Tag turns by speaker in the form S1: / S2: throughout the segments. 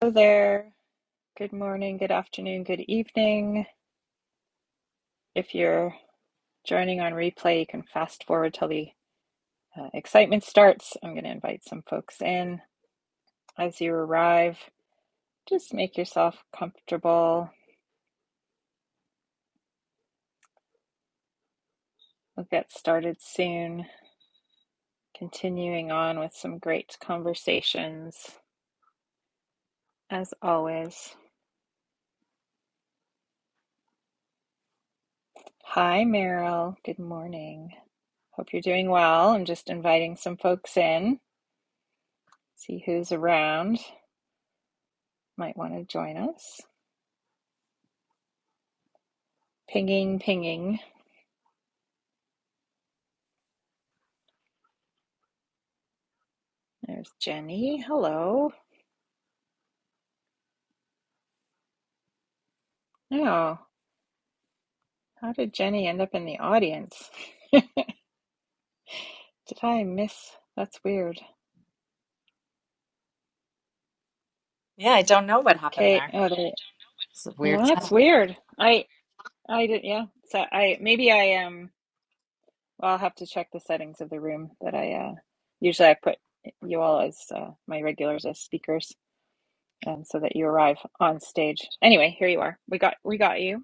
S1: Hello there. Good morning, good afternoon, good evening. If you're joining on replay, you can fast forward till the uh, excitement starts. I'm going to invite some folks in as you arrive. Just make yourself comfortable. We'll get started soon, continuing on with some great conversations as always. Hi, Meryl. Good morning. Hope you're doing well. I'm just inviting some folks in, see who's around, might want to join us. Pinging, pinging. There's Jenny. Hello. Oh, how did Jenny end up in the audience? Did I miss? That's weird.
S2: Yeah, I don't know what happened
S1: Okay.
S2: there.
S1: Oh, there.
S2: It's a
S1: Well,
S2: weird
S1: that's
S2: sound.
S1: weird. I, I did. Yeah. So I maybe I um. Well, I'll have to check the settings of the room that I uh. Usually I put you all as uh, my regulars as speakers, um, so that you arrive on stage. Anyway, here you are. We got we got you.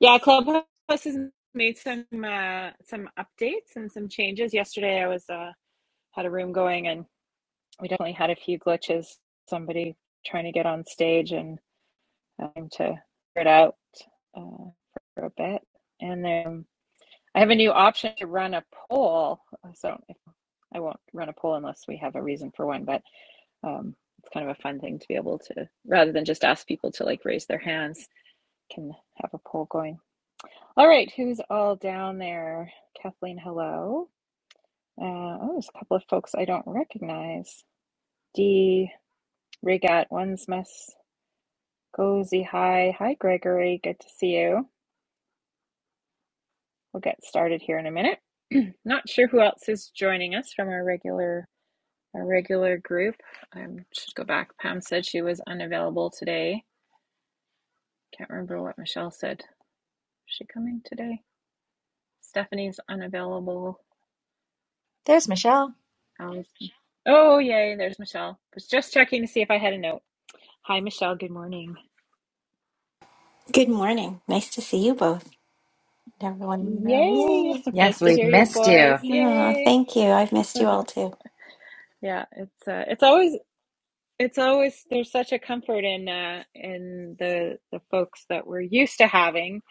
S1: Yeah, Clubhouse has made some uh, some updates and some changes. Yesterday, I was uh, had a room going, and we definitely had a few glitches. Somebody trying to get on stage and having to figure it out uh, for a bit. And then I have a new option to run a poll. So if, I won't run a poll unless we have a reason for one. But um, it's kind of a fun thing to be able to, rather than just ask people to like raise their hands, can have a poll going. All right, who's all down there? Kathleen, hello. Uh, oh, there's a couple of folks I don't recognize. D. Rigat, one's mess. Gozi, hi. Hi, Gregory. Good to see you. We'll get started here in a minute. Not sure who else is joining us from our regular our regular group. I should go back. Pam said she was unavailable today. Can't remember what Michelle said. Is she coming today? Stephanie's unavailable.
S2: There's Michelle.
S1: I oh, yay, there's Michelle. Was just checking to see if I had a note. Hi, Michelle. Good morning.
S3: Good morning. Nice to see you both. Everyone in the room.
S1: Yay. It's nice
S2: Yes,
S1: to
S2: we've
S1: hear your
S2: missed you.
S1: voice.
S3: Yay. Aw,
S1: Yay.
S3: thank you. I've missed you all too.
S1: Yeah, it's uh, it's always it's always there's such a comfort in uh in the the folks that we're used to having.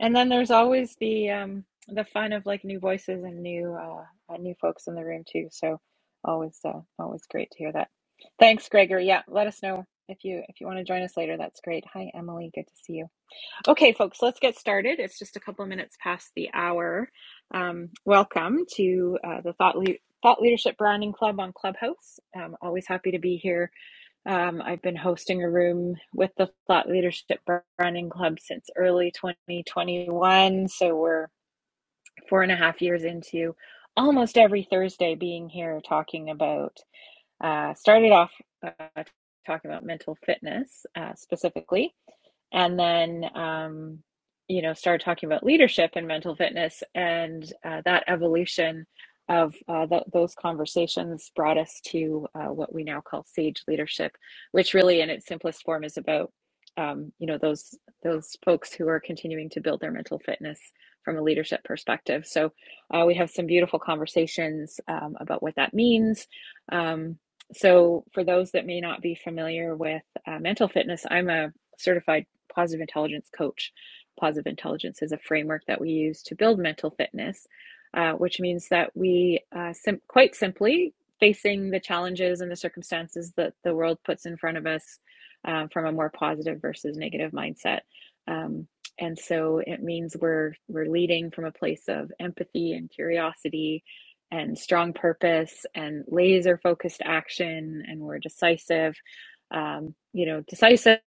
S1: And then there's always the um the fun of like new voices and new uh uh, new folks in the room too. So always uh, always great to hear that. Thanks, Gregory. Yeah, let us know if you if you want to join us later. That's great. Hi, Emily. Good to see you. Okay, folks, let's get started. It's just a couple of minutes past the hour. Um, welcome to uh, the Thought, Le- Thought Leadership Branding Club on Clubhouse. I'm always happy to be here. Um, I've been hosting a room with the Thought Leadership Branding Club since early 2021. So we're four and a half years into almost every Thursday being here talking about uh, started off uh, talking about mental fitness uh, specifically, and then um, you know started talking about leadership and mental fitness, and uh, that evolution of uh, th- those conversations brought us to uh, what we now call sage leadership, which really, in its simplest form, is about um, you know those those folks who are continuing to build their mental fitness from a leadership perspective. So uh, we have some beautiful conversations um, about what that means. Um, so for those that may not be familiar with uh, mental fitness i'm a certified positive intelligence coach positive intelligence is a framework that we use to build mental fitness uh, which means that we uh, sim- quite simply facing the challenges and the circumstances that the world puts in front of us um, from a more positive versus negative mindset um, and so it means we're we're leading from a place of empathy and curiosity and strong purpose and laser focused action and we're decisive um, you know decisive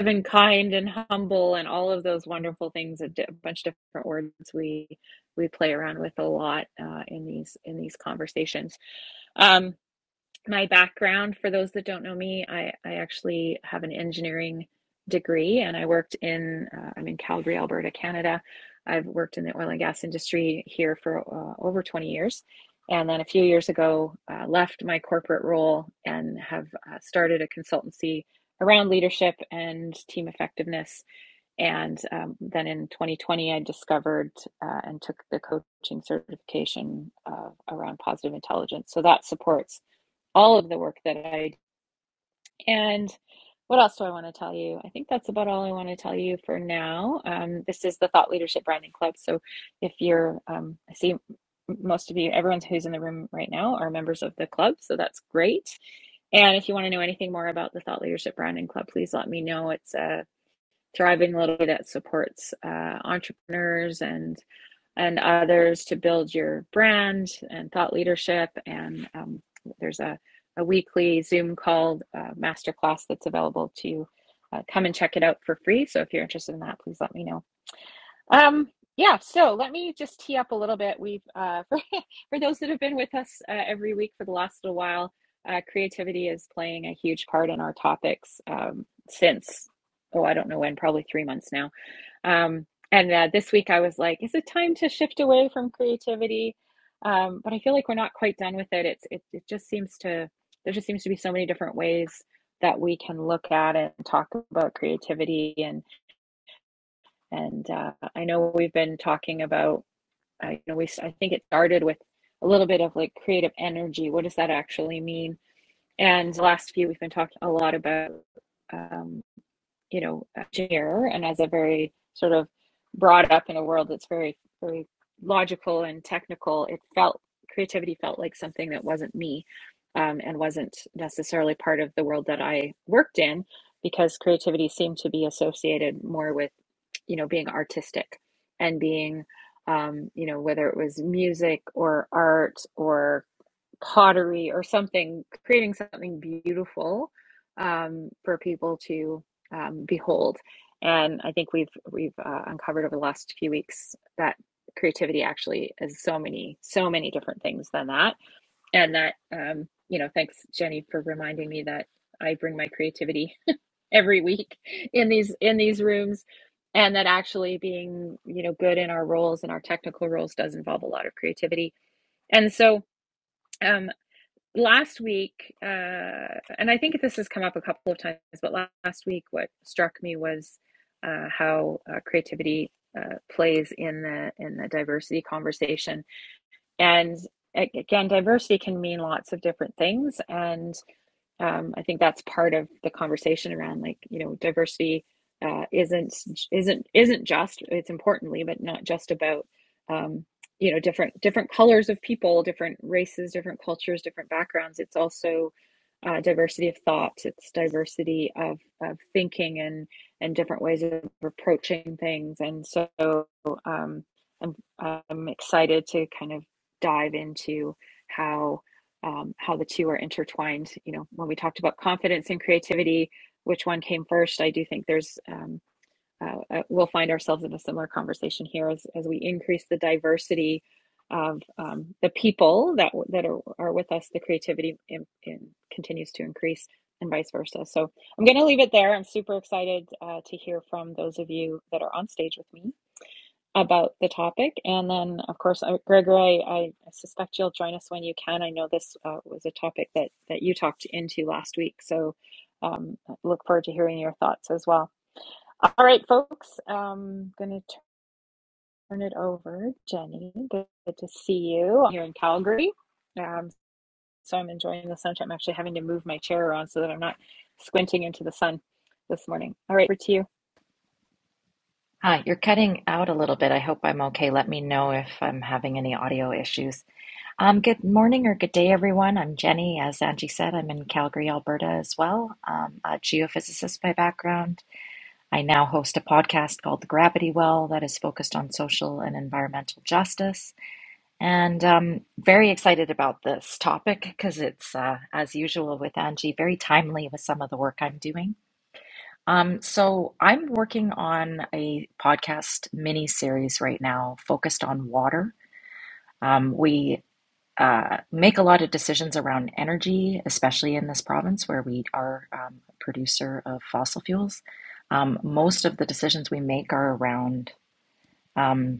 S1: and kind and humble and all of those wonderful things a di- a bunch of different words we we play around with a lot uh, in these in these conversations um, my background for those that don't know me i, I actually have an engineering degree and i worked in uh, i'm in calgary alberta canada i've worked in the oil and gas industry here for uh, over 20 years and then a few years ago uh, left my corporate role and have uh, started a consultancy around leadership and team effectiveness and um, then in 2020 i discovered uh, and took the coaching certification uh, around positive intelligence so that supports all of the work that I do. And what else do I want to tell you? I think that's about all I want to tell you for now. Um, this is the Thought Leadership Branding Club. So if you're, um, I see most of you, everyone who's in the room right now are members of the club. So that's great. And if you want to know anything more about the Thought Leadership Branding Club, please let me know. It's a thriving little that supports uh, entrepreneurs and and others to build your brand and thought leadership. And um, there's a, a weekly Zoom called uh, masterclass that's available to you. uh, come and check it out for free. So if you're interested in that, please let me know. Um, yeah, so let me just tee up a little bit. We've, uh, for, for those that have been with us uh, every week for the last little while, uh, creativity is playing a huge part in our topics um, since, oh, I don't know when, probably three months now. Um, and uh, this week I was like, is it time to shift away from creativity? Um, but I feel like we're not quite done with it. It's, it, it just seems to, there just seems to be so many different ways that we can look at it and talk about creativity and. And uh, I know we've been talking about, uh, you know, we I think it started with a little bit of like creative energy. What does that actually mean? And the last few, we've been talking a lot about um, you know, engineer and as a very sort of brought up in a world that's very, very logical and technical, it felt creativity felt like something that wasn't me um, and wasn't necessarily part of the world that I worked in because creativity seemed to be associated more with, you know, being artistic and being, um, you know, whether it was music or art or pottery or something, creating something beautiful um, for people to um, behold. And I think we've we've uh, uncovered over the last few weeks that creativity actually is so many so many different things than that. And that um, you know, thanks Jenny for reminding me that I bring my creativity every week in these in these rooms. And that actually being, you know, good in our roles and our technical roles does involve a lot of creativity. And so, um, last week, uh, and I think this has come up a couple of times, but last week, what struck me was uh, how uh, creativity uh, plays in the in the diversity conversation. And again, diversity can mean lots of different things, and um, I think that's part of the conversation around like you know diversity uh, isn't isn't isn't just it's importantly but not just about um, you know different different colors of people different races different cultures different backgrounds it's also uh, diversity of thought it's diversity of, of thinking and and different ways of approaching things and so um, I'm, I'm excited to kind of dive into how um, how the two are intertwined. You know, when we talked about confidence and creativity, which one came first? I do think there's um, uh, uh, we'll find ourselves in a similar conversation here as as we increase the diversity of um, the people that w- that are, are with us. The creativity in, in, continues to increase, and vice versa. So I'm going to leave it there. I'm super excited uh, to hear from those of you that are on stage with me about the topic. And then, of course, uh, Gregory, I, I suspect you'll join us when you can. I know this uh, was a topic that, that you talked into last week. So um, look forward to hearing your thoughts as well. All right, folks, I'm going to turn it over. Jenny, good to see you here in Calgary. Um, so I'm enjoying the sunshine. I'm actually having to move my chair around so that I'm not squinting into the sun this morning. All right, over to you.
S2: Hi, you're cutting out a little bit. I hope I'm okay. Let me know if I'm having any audio issues. Um, good morning or good day, everyone. I'm Jenny. As Angie said, I'm in Calgary, Alberta as well. Um, a geophysicist by background. I now host a podcast called The Gravity Well that is focused on social and environmental justice. And um, very excited about this topic because it's, uh, as usual with Angie, very timely with some of the work I'm doing. Um, so I'm working on a podcast mini series right now focused on water. Um, we uh, make a lot of decisions around energy, especially in this province where we are um, a producer of fossil fuels. Um, most of the decisions we make are around um,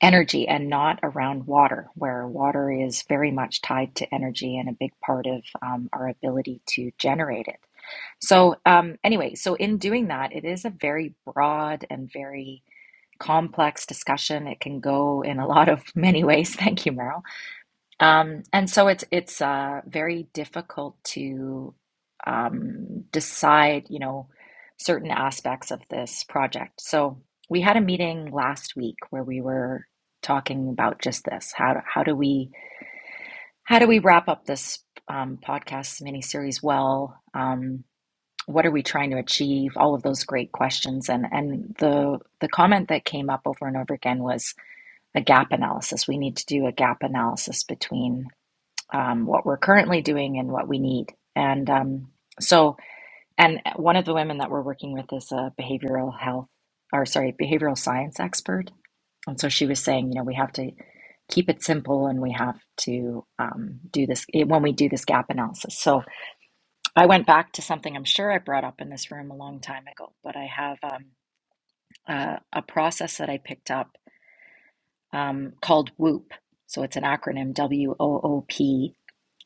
S2: energy and not around water, where water is very much tied to energy and a big part of um, our ability to generate it. So, um, anyway, so in doing that, it is a very broad and very complex discussion. It can go in a lot of many ways. Thank you, Meryl um, and so it's it's uh, very difficult to um, decide, you know, certain aspects of this project. So we had a meeting last week where we were talking about just this. How do, how do we how do we wrap up this um, podcast miniseries well? Um, what are we trying to achieve? All of those great questions. And and the the comment that came up over and over again was a gap analysis. We need to do a gap analysis between um, what we're currently doing and what we need. And um, so, and one of the women that we're working with is a behavioral health, or sorry, behavioral science expert. And so she was saying, you know, we have to keep it simple and we have to um, do this eh, when we do this gap analysis. So I went back to something I'm sure I brought up in this room a long time ago, but I have um, uh, a process that I picked up um, called WHOOP. So it's an acronym W O O P.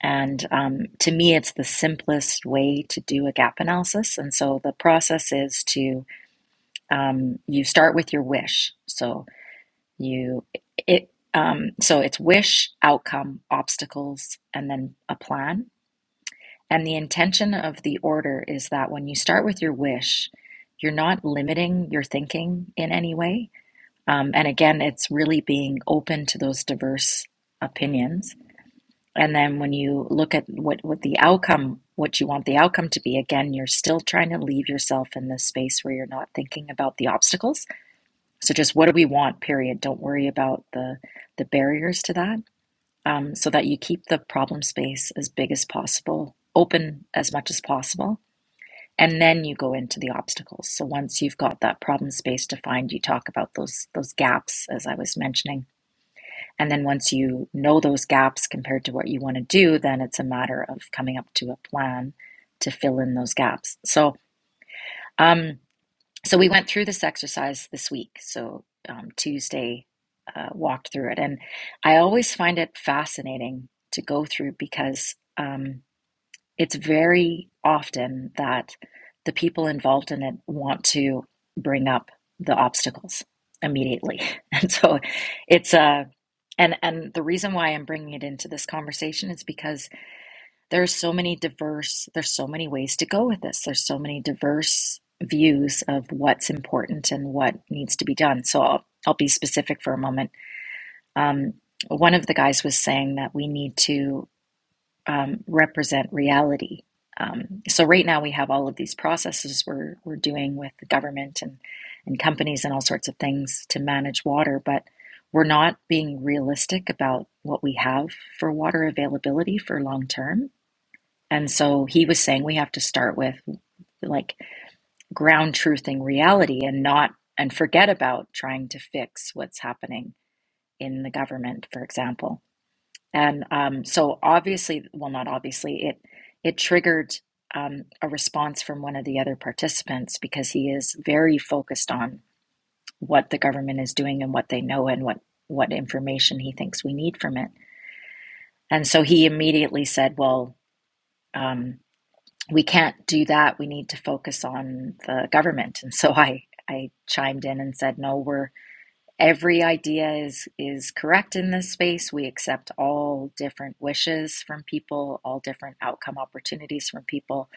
S2: And um, to me, it's the simplest way to do a gap analysis. And so the process is to um, you start with your wish. So you it um, so it's wish, outcome, obstacles, and then a plan. And the intention of the order is that when you start with your wish, you're not limiting your thinking in any way um, and again, it's really being open to those diverse opinions. And then when you look at what, what the outcome, what you want the outcome to be, again, you're still trying to leave yourself in this space where you're not thinking about the obstacles. So just what do we want, period. Don't worry about the, the barriers to that um, so that you keep the problem space as big as possible, open as much as possible. And then you go into the obstacles. So once you've got that problem space defined, you talk about those those gaps, as I was mentioning and then once you know those gaps compared to what you want to do, then it's a matter of coming up to a plan to fill in those gaps. So, um, so we went through this exercise this week. So um, Tuesday uh, walked through it, and I always find it fascinating to go through because um, it's very often that the people involved in it want to bring up the obstacles immediately, and so it's a uh, and and the reason why i'm bringing it into this conversation is because there's so many diverse there's so many ways to go with this there's so many diverse views of what's important and what needs to be done so i'll, I'll be specific for a moment um, one of the guys was saying that we need to um, represent reality. Um, so right now we have all of these processes we're we're doing with the government and and companies and all sorts of things to manage water, but we're not being realistic about what we have for water availability for long term. And so he was saying we have to start with like ground truthing reality and not and forget about trying to fix what's happening in the government, for example. And um, so obviously, well, not obviously, it it triggered um, a response from one of the other participants because he is very focused on what the government is doing and what they know and what what information he thinks we need from it. And so he immediately said, "Well, um, we can't do that. We need to focus on the government." And so I I chimed in and said, "No, we're." Every idea is is correct in this space. We accept all different wishes from people, all different outcome opportunities from people.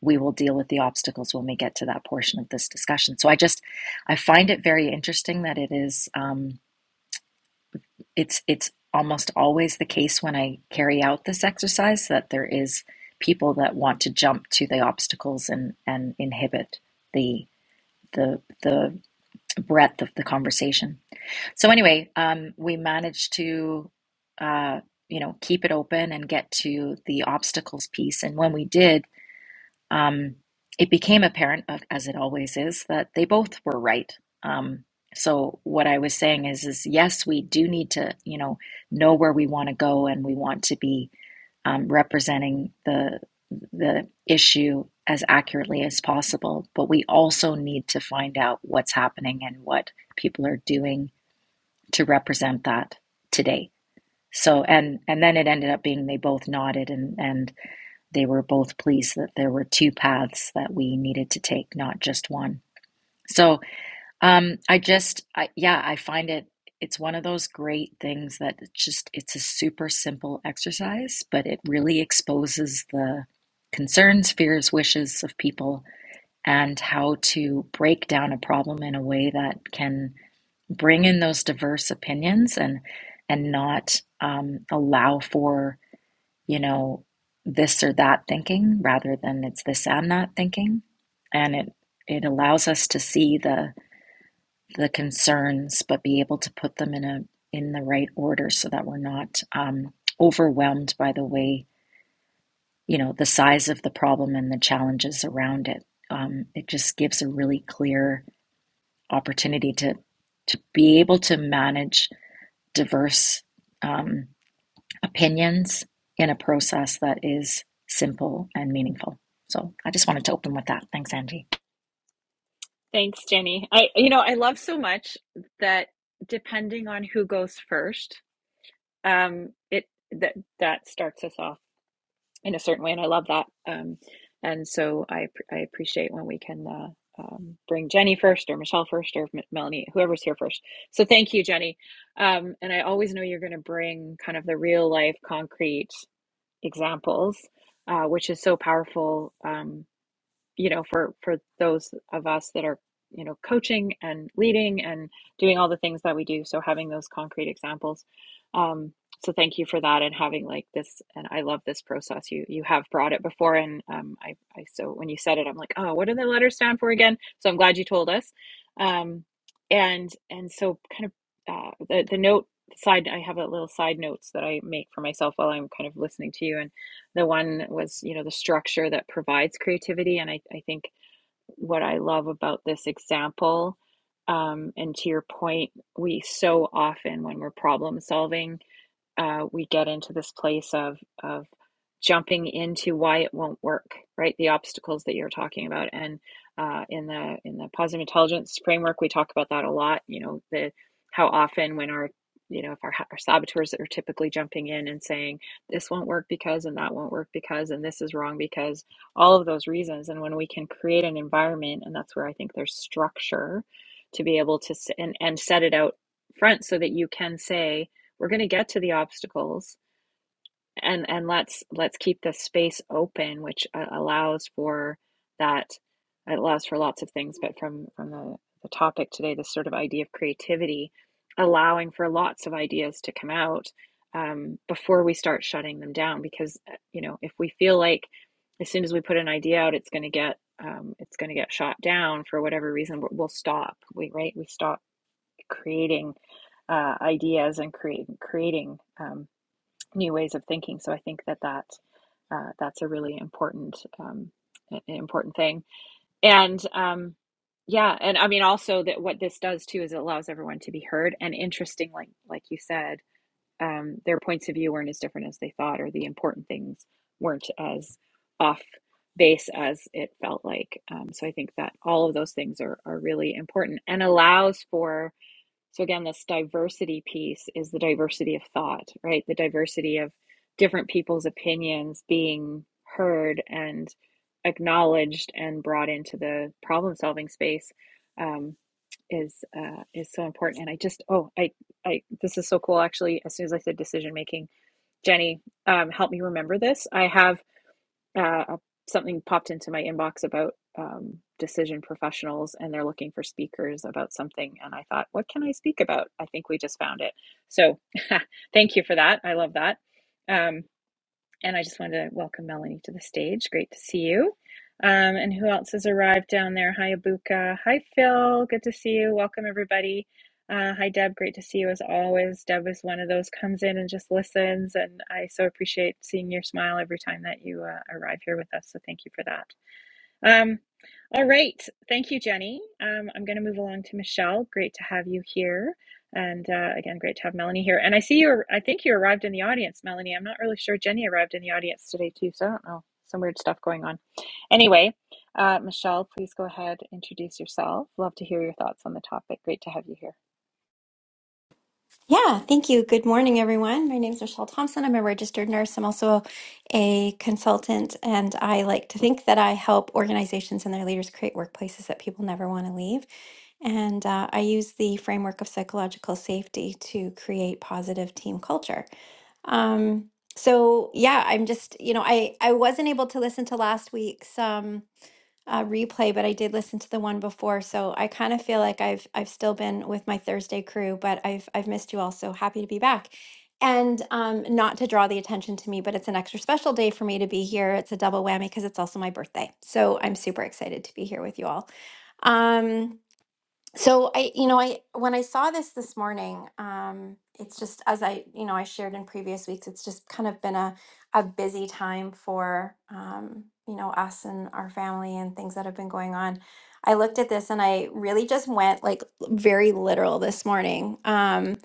S2: We will deal with the obstacles when we get to that portion of this discussion. So I just I find it very interesting that it is um, it's it's almost always the case when I carry out this exercise that there is people that want to jump to the obstacles and and inhibit the the the breadth of the conversation. So anyway, um, we managed to, uh, you know, keep it open and get to the obstacles piece. And when we did, um, it became apparent, uh, as it always is, that they both were right. Um, so what I was saying is, is yes, we do need to, you know, know where we want to go, and we want to be um, representing the the issue as accurately as possible. But we also need to find out what's happening and what people are doing to represent that today. So and and then it ended up being they both nodded and and they were both pleased that there were two paths that we needed to take, not just one. So um, I just I, yeah, I find it it's one of those great things that just it's a super simple exercise, but it really exposes the concerns, fears, wishes of people and how to break down a problem in a way that can bring in those diverse opinions and and not um, allow for you know this or that thinking rather than it's this and that thinking and it it allows us to see the the concerns but be able to put them in a in the right order so that we're not um, overwhelmed by the way you know the size of the problem and the challenges around it um, it just gives a really clear opportunity to to be able to manage diverse um, opinions in a process that is simple and meaningful. So I just wanted to open with that. Thanks, Angie.
S1: Thanks, Jenny. I, you know, I love so much that depending on who goes first, um, it that that starts us off in a certain way, and I love that. Um, and so I I appreciate when we can uh, um, bring Jenny first, or Michelle first, or M- Melanie, whoever's here first. So thank you, Jenny. Um, and I always know you're going to bring kind of the real life, concrete examples, uh, which is so powerful. Um, you know for for those of us that are you know coaching and leading and doing all the things that we do so having those concrete examples um so thank you for that and having like this and i love this process you you have brought it before and um i i so when you said it i'm like oh what do the letters stand for again so i'm glad you told us um and and so kind of uh the, the note side i have a little side notes that i make for myself while i'm kind of listening to you and. The one was, you know, the structure that provides creativity. And I, I think what I love about this example, um, and to your point, we so often, when we're problem solving, uh, we get into this place of of jumping into why it won't work, right? The obstacles that you're talking about, and uh, in the in the positive intelligence framework, we talk about that a lot. You know, the how often when our you know if our, our saboteurs are typically jumping in and saying this won't work because and that won't work because and this is wrong because all of those reasons and when we can create an environment and that's where i think there's structure to be able to and, and set it out front so that you can say we're going to get to the obstacles and and let's let's keep the space open which uh, allows for that it allows for lots of things but from from the, the topic today this sort of idea of creativity allowing for lots of ideas to come out um, before we start shutting them down because uh, you know if we feel like as soon as we put an idea out it's going to get um, it's going to get shot down for whatever reason we'll stop we right we stop creating uh, ideas and create, creating um, new ways of thinking. So I think that that uh, that's a really important um, important thing. And um, yeah, and I mean also that what this does too is it allows everyone to be heard. And interesting, like like you said, um, their points of view weren't as different as they thought, or the important things weren't as off base as it felt like. Um, so I think that all of those things are are really important and allows for so again, this diversity piece is the diversity of thought, right? The diversity of different people's opinions being heard and acknowledged and brought into the problem solving space um, is uh, is so important. And I just oh I I this is so cool actually. As soon as I said decision making, Jenny, um, help me remember this. I have uh, something popped into my inbox about um, decision professionals and they're looking for speakers about something. And I thought, what can I speak about? I think we just found it. So thank you for that. I love that. Um, and I just wanted to welcome Melanie to the stage. Great to see you. Um, and who else has arrived down there? Hi, Abuka. Hi, Phil. Good to see you. Welcome, everybody. Uh, hi, Deb. Great to see you as always. Deb is one of those comes in and just listens, and I so appreciate seeing your smile every time that you uh, arrive here with us. So thank you for that. Um, all right. Thank you, Jenny. Um, I'm going to move along to Michelle. Great to have you here. And uh, again, great to have Melanie here. And I see you, I think you arrived in the audience, Melanie. I'm not really sure Jenny arrived in the audience today, too. So I don't know. Some weird stuff going on. Anyway, uh, Michelle, please go ahead, introduce yourself. Love to hear your thoughts on the topic. Great to have you here.
S3: Yeah, thank you. Good morning, everyone. My name is Rochelle Thompson. I'm a registered nurse. I'm also a consultant, and I like to think that I help organizations and their leaders create workplaces that people never want to leave. And uh, I use the framework of psychological safety to create positive team culture. Um, so yeah, I'm just, you know, I I wasn't able to listen to last week's. Um, uh, replay, but I did listen to the one before, so I kind of feel like I've I've still been with my Thursday crew, but I've I've missed you all. So happy to be back, and um, not to draw the attention to me, but it's an extra special day for me to be here. It's a double whammy because it's also my birthday, so I'm super excited to be here with you all. Um, so i you know i when i saw this this morning um it's just as i you know i shared in previous weeks it's just kind of been a, a busy time for um you know us and our family and things that have been going on i looked at this and i really just went like very literal this morning um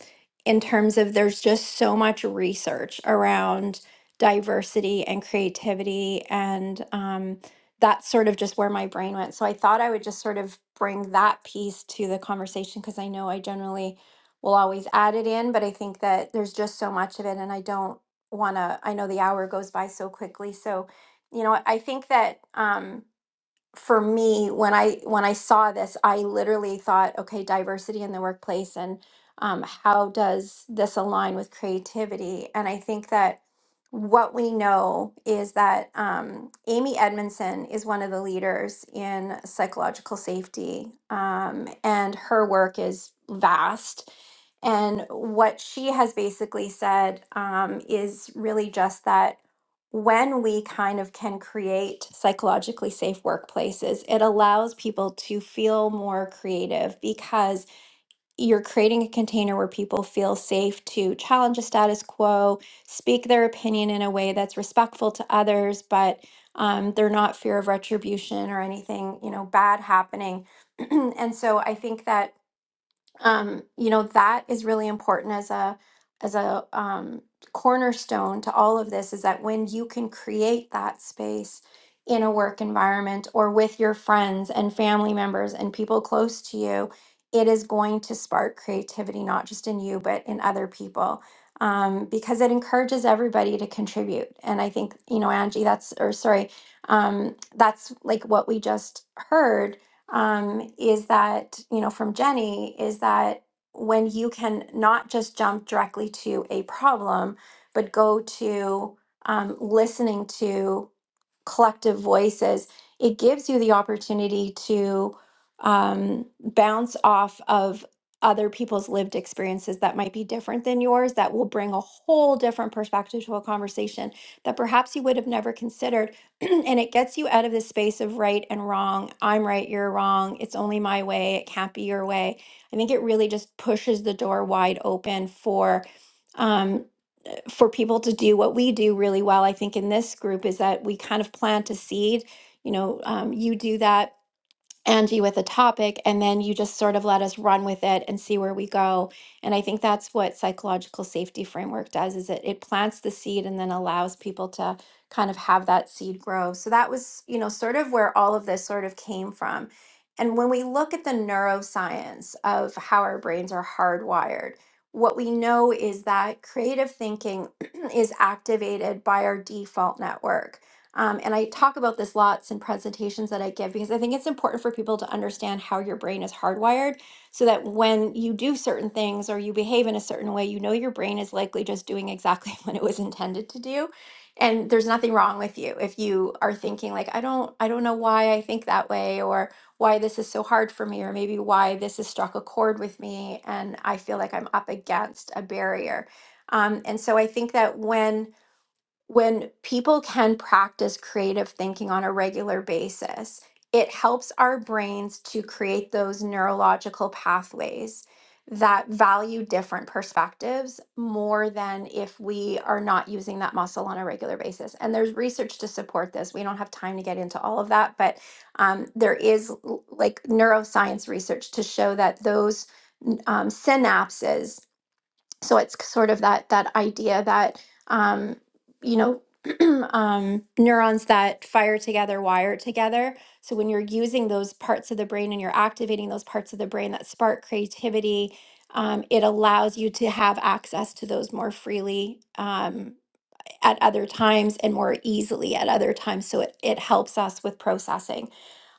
S3: in terms of there's just so much research around diversity and creativity and um that's sort of just where my brain went. So I thought I would just sort of bring that piece to the conversation because I know I generally will always add it in, but I think that there's just so much of it and I don't want to, I know the hour goes by so quickly. So, you know, I think that, um, for me when i when i saw this i literally thought okay diversity in the workplace and um, how does this align with creativity and i think that what we know is that um, amy edmondson is one of the leaders in psychological safety um, and her work is vast and what she has basically said um, is really just that when we kind of can create psychologically safe workplaces, it allows people to feel more creative because you're creating a container where people feel safe to challenge a status quo, speak their opinion in a way that's respectful to others, but um, they're not fear of retribution or anything, you know, bad happening. and so I think that um, you know that is really important as a as a um, cornerstone to all of this is that when you can create that space in a work environment or with your friends and family members and people close to you it is going to spark creativity not just in you but in other people um, because it encourages everybody to contribute and i think you know angie that's or sorry um, that's like what we just heard um, is that, you know, from Jenny, is that when you can not just jump directly to a problem, but go to um, listening to collective voices, it gives you the opportunity to um, bounce off of other people's lived experiences that might be different than yours, that will bring a whole different perspective to a conversation that perhaps you would have never considered. and it gets you out of this space of right and wrong. I'm right, you're wrong. It's only my way. It can't be your way. I think it really just pushes the door wide open for. um, for people to do what we do really well, I think, in this group is that we kind of plant a seed. You know, um, you do that Angie with a topic, and then you just sort of let us run with it and see where we go. And I think that's what psychological safety framework does is it it plants the seed and then allows people to kind of have that seed grow. So that was, you know, sort of where all of this sort of came from. And when we look at the neuroscience of how our brains are hardwired, what we know is that creative thinking is activated by our default network um, and I talk about this lots in presentations that I give because I think it's important for people to understand how your brain is hardwired so that when you do certain things or you behave in a certain way, you know your brain is likely just doing exactly what it was intended to do. And there's nothing wrong with you if you are thinking like, I don't, I don't know why I think that way or why this is so hard for me or maybe why this has struck a chord with me and I feel like I'm up against a barrier. Um, and so I think that when when people can practice creative thinking on a regular basis, it helps our brains to create those neurological pathways that value different perspectives more than if we are not using that muscle on a regular basis. And there's research to support this. We don't have time to get into all of that, but um, there is l- like neuroscience research to show that those n- um, synapses so it's sort of that that idea that um, you know um, neurons that fire together wire together so when you're using those parts of the brain and you're activating those parts of the brain that spark creativity um, it allows you to have access to those more freely um, at other times and more easily at other times so it, it helps us with processing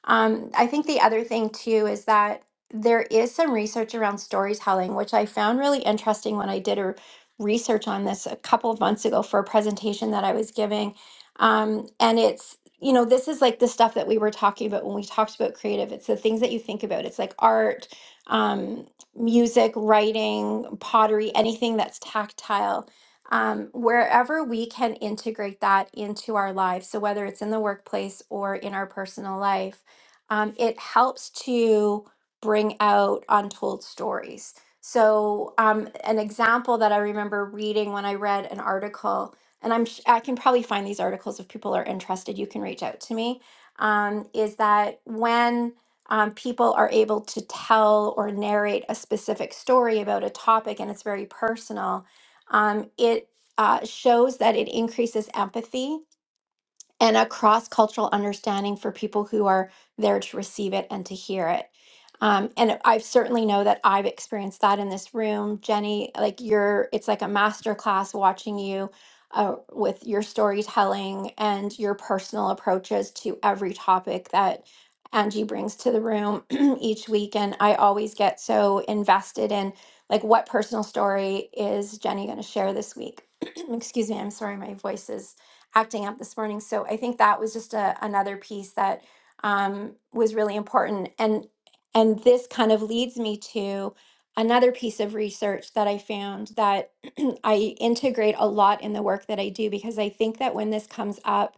S3: um, I think the other thing too is that there is some research around storytelling, which I found really interesting when I did a research on this a couple of months ago for a presentation that I was giving. Um, and it's, you know, this is like the stuff that we were talking about when we talked about creative. It's the things that you think about. It's like art, um, music, writing, pottery, anything that's tactile. Um, wherever we can integrate that into our lives. So, whether it's in the workplace or in our personal life, um, it helps to bring out untold stories. So, um, an example that I remember reading when I read an article, and I'm sh- I can probably find these articles if people are interested. You can reach out to me. Um, is that when um, people are able to tell or narrate a specific story about a topic and it's very personal, um, it uh, shows that it increases empathy and a cross cultural understanding for people who are there to receive it and to hear it. Um, and I certainly know that I've experienced that in this room, Jenny. Like you're, it's like a master class watching you uh, with your storytelling and your personal approaches to every topic that Angie brings to the room each week. And I always get so invested in like what personal story is Jenny going to share this week? Excuse me, I'm sorry, my voice is acting up this morning. So I think that was just a, another piece that um, was really important. And and this kind of leads me to another piece of research that I found that I integrate a lot in the work that I do because I think that when this comes up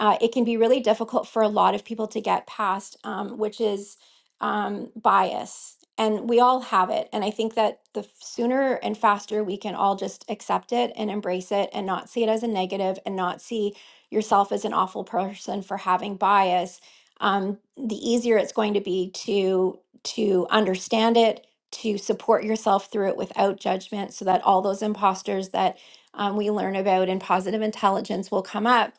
S3: uh, it can be really difficult for a lot of people to get past, um, which is um, bias. And we all have it. And I think that the sooner and faster we can all just accept it and embrace it and not see it as a negative and not see yourself as an awful person for having bias, um, the easier it's going to be to to understand it, to support yourself through it without judgment, so that all those imposters that um, we learn about in positive intelligence will come up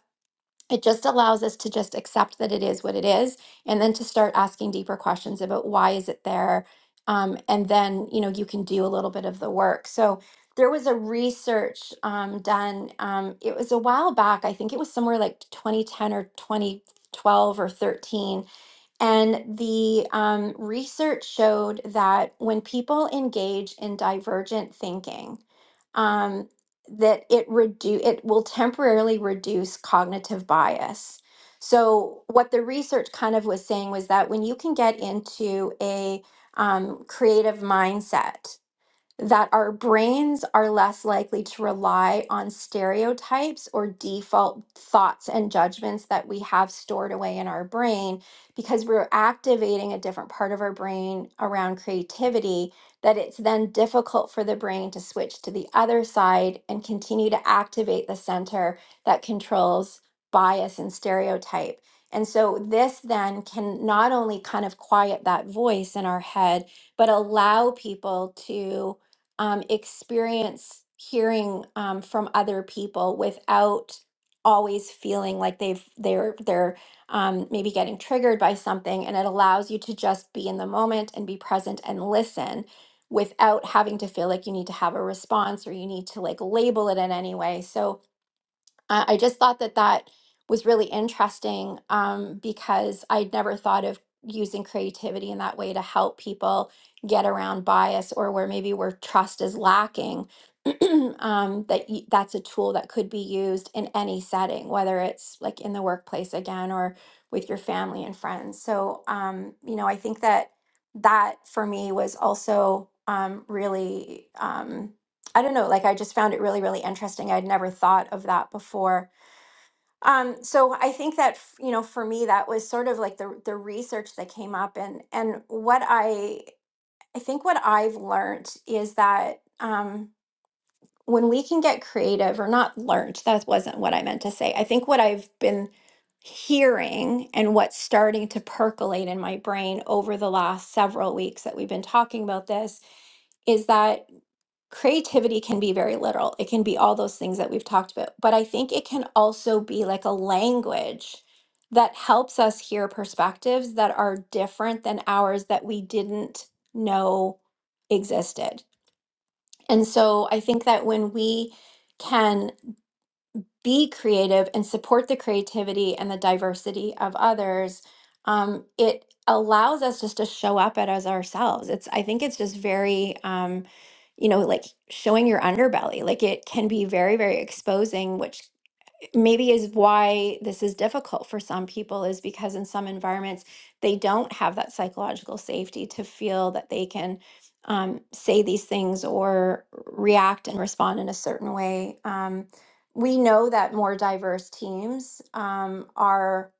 S3: it just allows us to just accept that it is what it is and then to start asking deeper questions about why is it there um, and then you know you can do a little bit of the work so there was a research um, done um, it was a while back i think it was somewhere like 2010 or 2012 or 13 and the um, research showed that when people engage in divergent thinking, um, that it redu- it will temporarily reduce cognitive bias. So what the research kind of was saying was that when you can get into a um, creative mindset that our brains are less likely to rely on stereotypes or default thoughts and judgments that we have stored away in our brain because we're activating a different part of our brain around creativity that it's then difficult for the brain to switch to the other side and continue to activate the center that controls bias and stereotype. And so this then can not only kind of quiet that voice in our head but allow people to um, experience hearing um, from other people without always feeling like they've they're they're um, maybe getting triggered by something and it allows you to just be in the moment and be present and listen without having to feel like you need to have a response or you need to like label it in any way so uh, I just thought that that was really interesting um, because I'd never thought of using creativity in that way to help people get around bias or where maybe where trust is lacking. um, that y- that's a tool that could be used in any setting, whether it's like in the workplace again or with your family and friends. So um, you know, I think that that for me was also um, really. Um, I don't know, like I just found it really, really interesting. I'd never thought of that before. Um, so I think that f- you know, for me, that was sort of like the the research that came up, and and what I I think what I've learned is that. Um, when we can get creative or not learned, that wasn't what I meant to say. I think what I've been hearing and what's starting to percolate in my brain over the last several weeks that we've been talking about this is that creativity can be very literal. It can be all those things that we've talked about, but I think it can also be like a language that helps us hear perspectives that are different than ours that we didn't know existed. And so I think that when we can be creative and support the creativity and the diversity of others, um, it allows us just to show up at as ourselves. It's I think it's just very um, you know, like showing your underbelly. Like it can be very, very exposing, which maybe is why this is difficult for some people is because in some environments they don't have that psychological safety to feel that they can um, say these things or react and respond in a certain way. Um, we know that more diverse teams um, are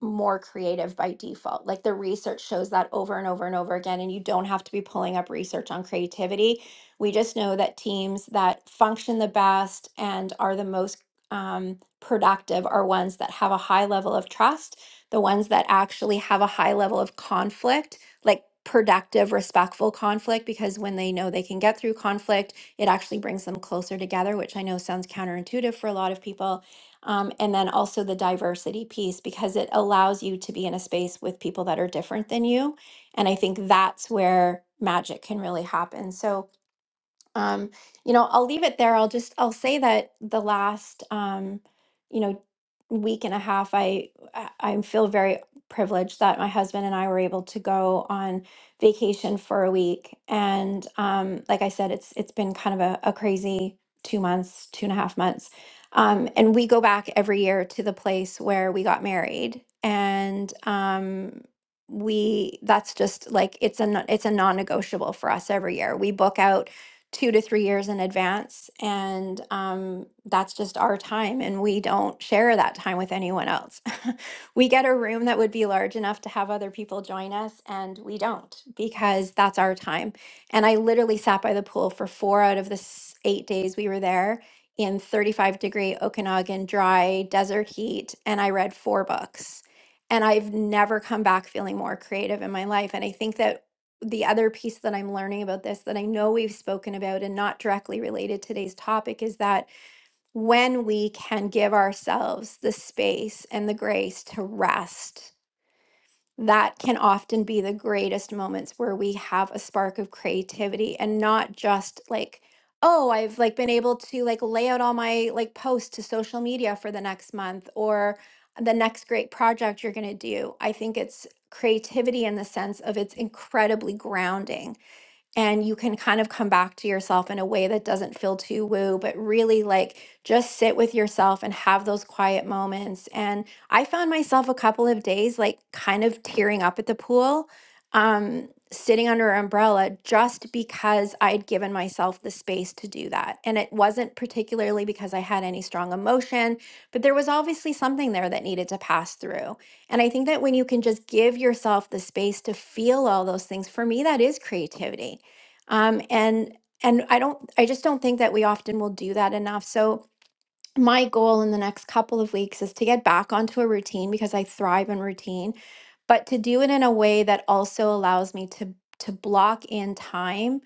S3: more creative by default. Like the research shows that over and over and over again, and you don't have to be pulling up research on creativity. We just know that teams that function the best and are the most. Um, productive are ones that have a high level of trust, the ones that actually have a high level of conflict, like productive, respectful conflict, because when they know they can get through conflict, it actually brings them closer together, which I know sounds counterintuitive for a lot of people. Um, and then also the diversity piece, because it allows you to be in a space with people that are different than you. And I think that's where magic can really happen. So, um, you know i'll leave it there i'll just i'll say that the last um, you know week and a half i i I feel very privileged that my husband and i were able to go on vacation for a week and um, like i said it's it's been kind of a, a crazy two months two and a half months um, and we go back every year to the place where we got married and um, we that's just like it's a non- it's a non-negotiable for us every year we book out two to three years in advance. And um, that's just our time. And we don't share that time with anyone else. we get a room that would be large enough to have other people join us, and we don't because that's our time. And I literally sat by the pool for four out of the s- eight days we were there in 35 degree Okanagan dry desert heat. And I read four books. And I've never come back feeling more creative in my life. And I think that the other piece that I'm learning about this that I know we've spoken about and not directly related to today's topic is that when we can give ourselves the space and the grace to rest, that can often be the greatest moments where we have a spark of creativity and not just like oh i've like been able to like lay out all my like posts to social media for the next month or the next great project you're going to do i think it's creativity in the sense of it's incredibly grounding and you can kind of come back to yourself in a way that doesn't feel too woo, but really like just sit with yourself and have those quiet moments. And I found myself a couple of days like kind of tearing up at the pool, um, sitting under an umbrella just because I'd given myself the space to do that. And it wasn't particularly because I had any strong emotion, but there was obviously something there that needed to pass through. And I think that when you can just give yourself the space to feel all those things, for me, that is creativity um, and and I don't I just don't think that we often will do that enough. So my goal in the next couple of weeks is to get back onto a routine because I thrive in routine, but to do it in a way that also allows me to to block in time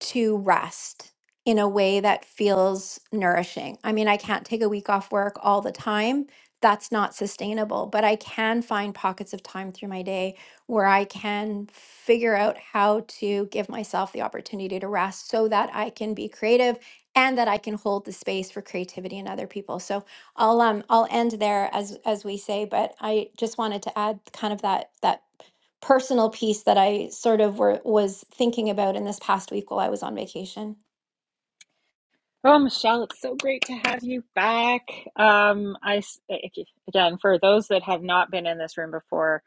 S3: to rest in a way that feels nourishing. I mean, I can't take a week off work all the time. That's not sustainable, but I can find pockets of time through my day where I can figure out how to give myself the opportunity to rest so that I can be creative and that I can hold the space for creativity in other people. So I'll um I'll end there as as we say, but I just wanted to add kind of that that personal piece that I sort of were was thinking about in this past week while I was on vacation.
S1: Oh, Michelle, it's so great to have you back. Um, I s- ag- again, for those that have not been in this room before,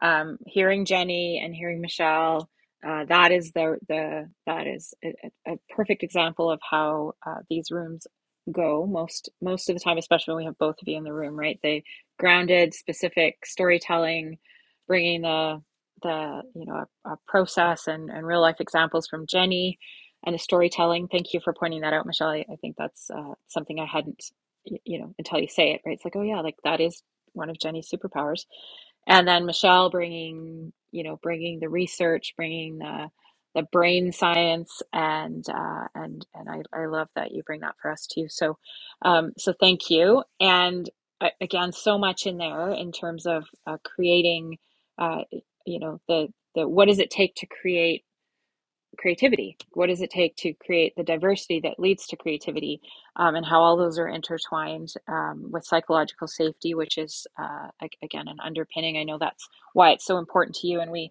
S1: um, hearing Jenny and hearing Michelle, uh, that is the the that is a, a a perfect example of how uh, these rooms go most most of the time, especially when we have both of you in the room, right? They grounded, specific storytelling, bringing the the you know a, a process and and real life examples from Jenny and the storytelling. Thank you for pointing that out, Michelle. I, I think that's uh, something I hadn't, you know, until you say it, right? It's like, oh yeah, like that is one of Jenny's superpowers. And then Michelle bringing, you know, bringing the research, bringing the the brain science, and uh, and and I, I love that you bring that for us too. So, um, so thank you. And uh, again, so much in there in terms of uh, creating, uh, you know, the the what does it take to create creativity. What does it take to create the diversity that leads to creativity, um, and how all those are intertwined um, with psychological safety, which is uh, again an underpinning. I know that's why it's so important to you, and we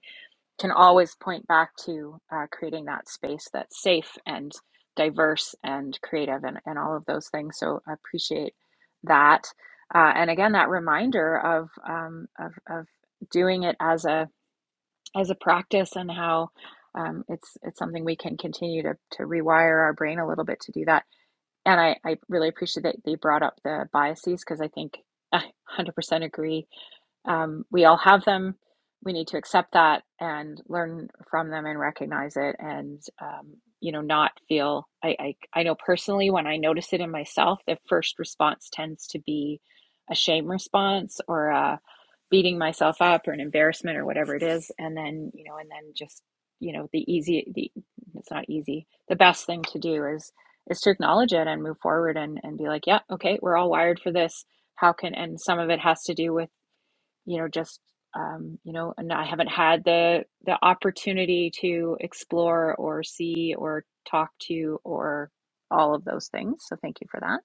S1: can always point back to uh, creating that space that's safe and diverse and creative and, and all of those things. So I appreciate that. Uh, and again, that reminder of, um, of, of doing it as a as a practice and how um, it's it's something we can continue to to rewire our brain a little bit to do that. And I, I really appreciate that they brought up the biases because I think I 100% agree. Um, we all have them. We need to accept that and learn from them and recognize it and, um, you know, not feel. I, I, I know personally when I notice it in myself, the first response tends to be a shame response or a beating myself up or an embarrassment or whatever it is. And then, you know, and then just, you know, the easy, the, it's not easy. The best thing to do is, is to acknowledge it and move forward and, and be like, yeah, okay, we're all wired for this how can and some of it has to do with you know just um, you know and i haven't had the the opportunity to explore or see or talk to or all of those things so thank you for that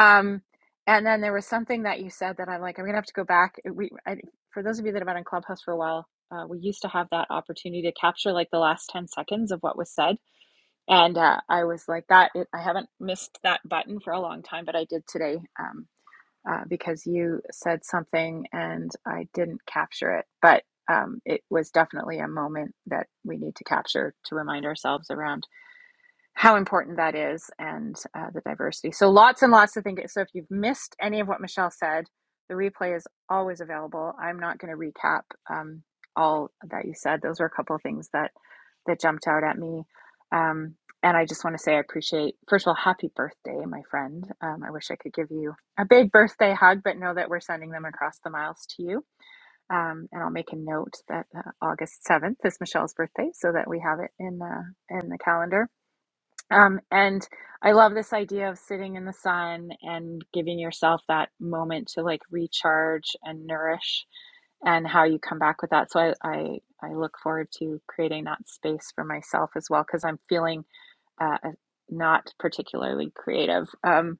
S1: um, and then there was something that you said that i'm like i'm gonna have to go back we I, for those of you that have been on clubhouse for a while uh, we used to have that opportunity to capture like the last 10 seconds of what was said and uh, i was like that it, i haven't missed that button for a long time but i did today Um, uh, because you said something and I didn't capture it, but um, it was definitely a moment that we need to capture to remind ourselves around how important that is and uh, the diversity. So lots and lots to think. So if you've missed any of what Michelle said, the replay is always available. I'm not going to recap um, all that you said. Those were a couple of things that that jumped out at me. Um, and I just want to say I appreciate, first of all, happy birthday, my friend. Um, I wish I could give you a big birthday hug, but know that we're sending them across the miles to you. Um, and I'll make a note that uh, August 7th is Michelle's birthday so that we have it in, uh, in the calendar. Um, and I love this idea of sitting in the sun and giving yourself that moment to like recharge and nourish and how you come back with that. So I, I, I look forward to creating that space for myself as well because I'm feeling uh, uh, not particularly creative. Um,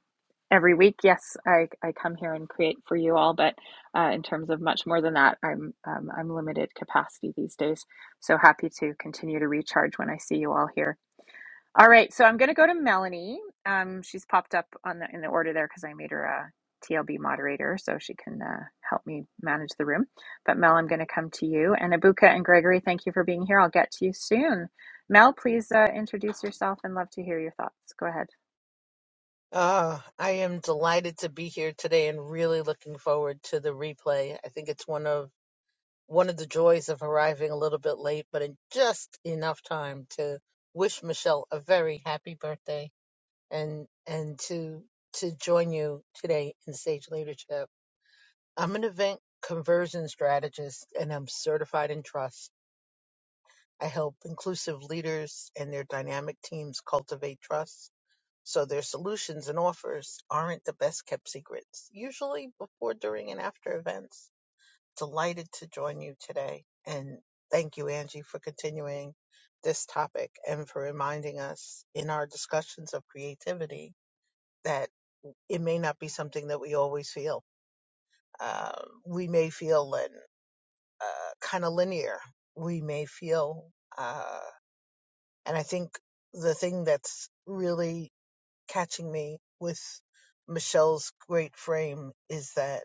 S1: every week, yes, I, I come here and create for you all, but uh, in terms of much more than that, I'm um, I'm limited capacity these days. So happy to continue to recharge when I see you all here. All right, so I'm going to go to Melanie. Um, she's popped up on the in the order there because I made her a TLB moderator, so she can uh, help me manage the room. But Mel, I'm going to come to you. And Abuka and Gregory, thank you for being here. I'll get to you soon. Mel, please uh, introduce yourself and love to hear your thoughts. Go ahead.
S4: Ah, I am delighted to be here today and really looking forward to the replay. I think it's one of one of the joys of arriving a little bit late, but in just enough time to wish Michelle a very happy birthday and and to to join you today in Sage Leadership. I'm an event conversion strategist and I'm certified in trust. I help inclusive leaders and their dynamic teams cultivate trust so their solutions and offers aren't the best kept secrets, usually before, during, and after events. Delighted to join you today. And thank you, Angie, for continuing this topic and for reminding us in our discussions of creativity that it may not be something that we always feel. Uh, we may feel lin- uh, kind of linear. We may feel, uh, and I think the thing that's really catching me with Michelle's great frame is that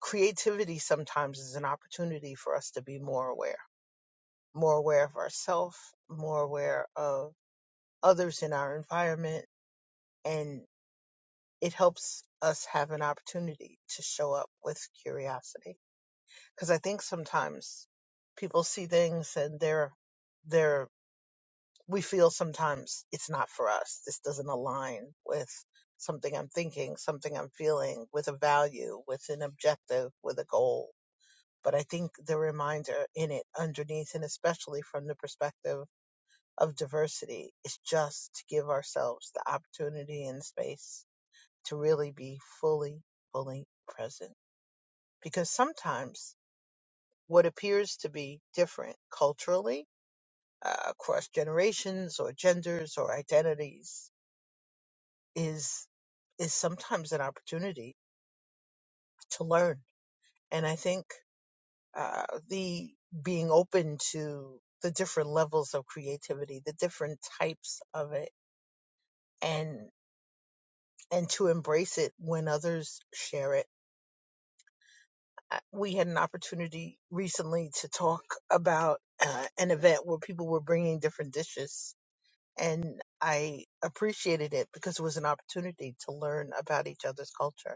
S4: creativity sometimes is an opportunity for us to be more aware, more aware of ourselves, more aware of others in our environment, and it helps us have an opportunity to show up with curiosity. Because I think sometimes people see things and they're they're we feel sometimes it's not for us. This doesn't align with something I'm thinking, something I'm feeling, with a value, with an objective, with a goal. But I think the reminder in it underneath, and especially from the perspective of diversity, is just to give ourselves the opportunity and space to really be fully, fully present. Because sometimes what appears to be different culturally, uh, across generations or genders or identities is is sometimes an opportunity to learn. And I think uh, the being open to the different levels of creativity, the different types of it, and and to embrace it when others share it. Uh, We had an opportunity recently to talk about uh, an event where people were bringing different dishes, and I appreciated it because it was an opportunity to learn about each other's culture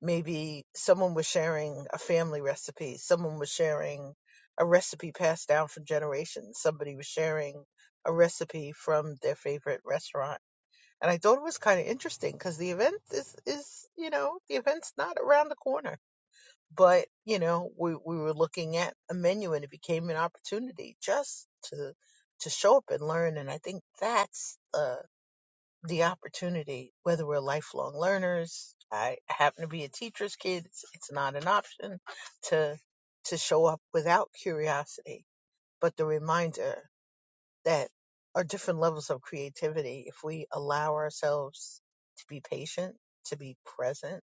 S4: maybe someone was sharing a family recipe someone was sharing a recipe passed down for generations somebody was sharing a recipe from their favorite restaurant and i thought it was kind of interesting because the event is is you know the event's not around the corner but you know we, we were looking at a menu and it became an opportunity just to to show up and learn and i think that's uh the opportunity, whether we're lifelong learners. I happen to be a teacher's kid. It's, it's not an option to to show up without curiosity, but the reminder that our different levels of creativity, if we allow ourselves to be patient, to be present,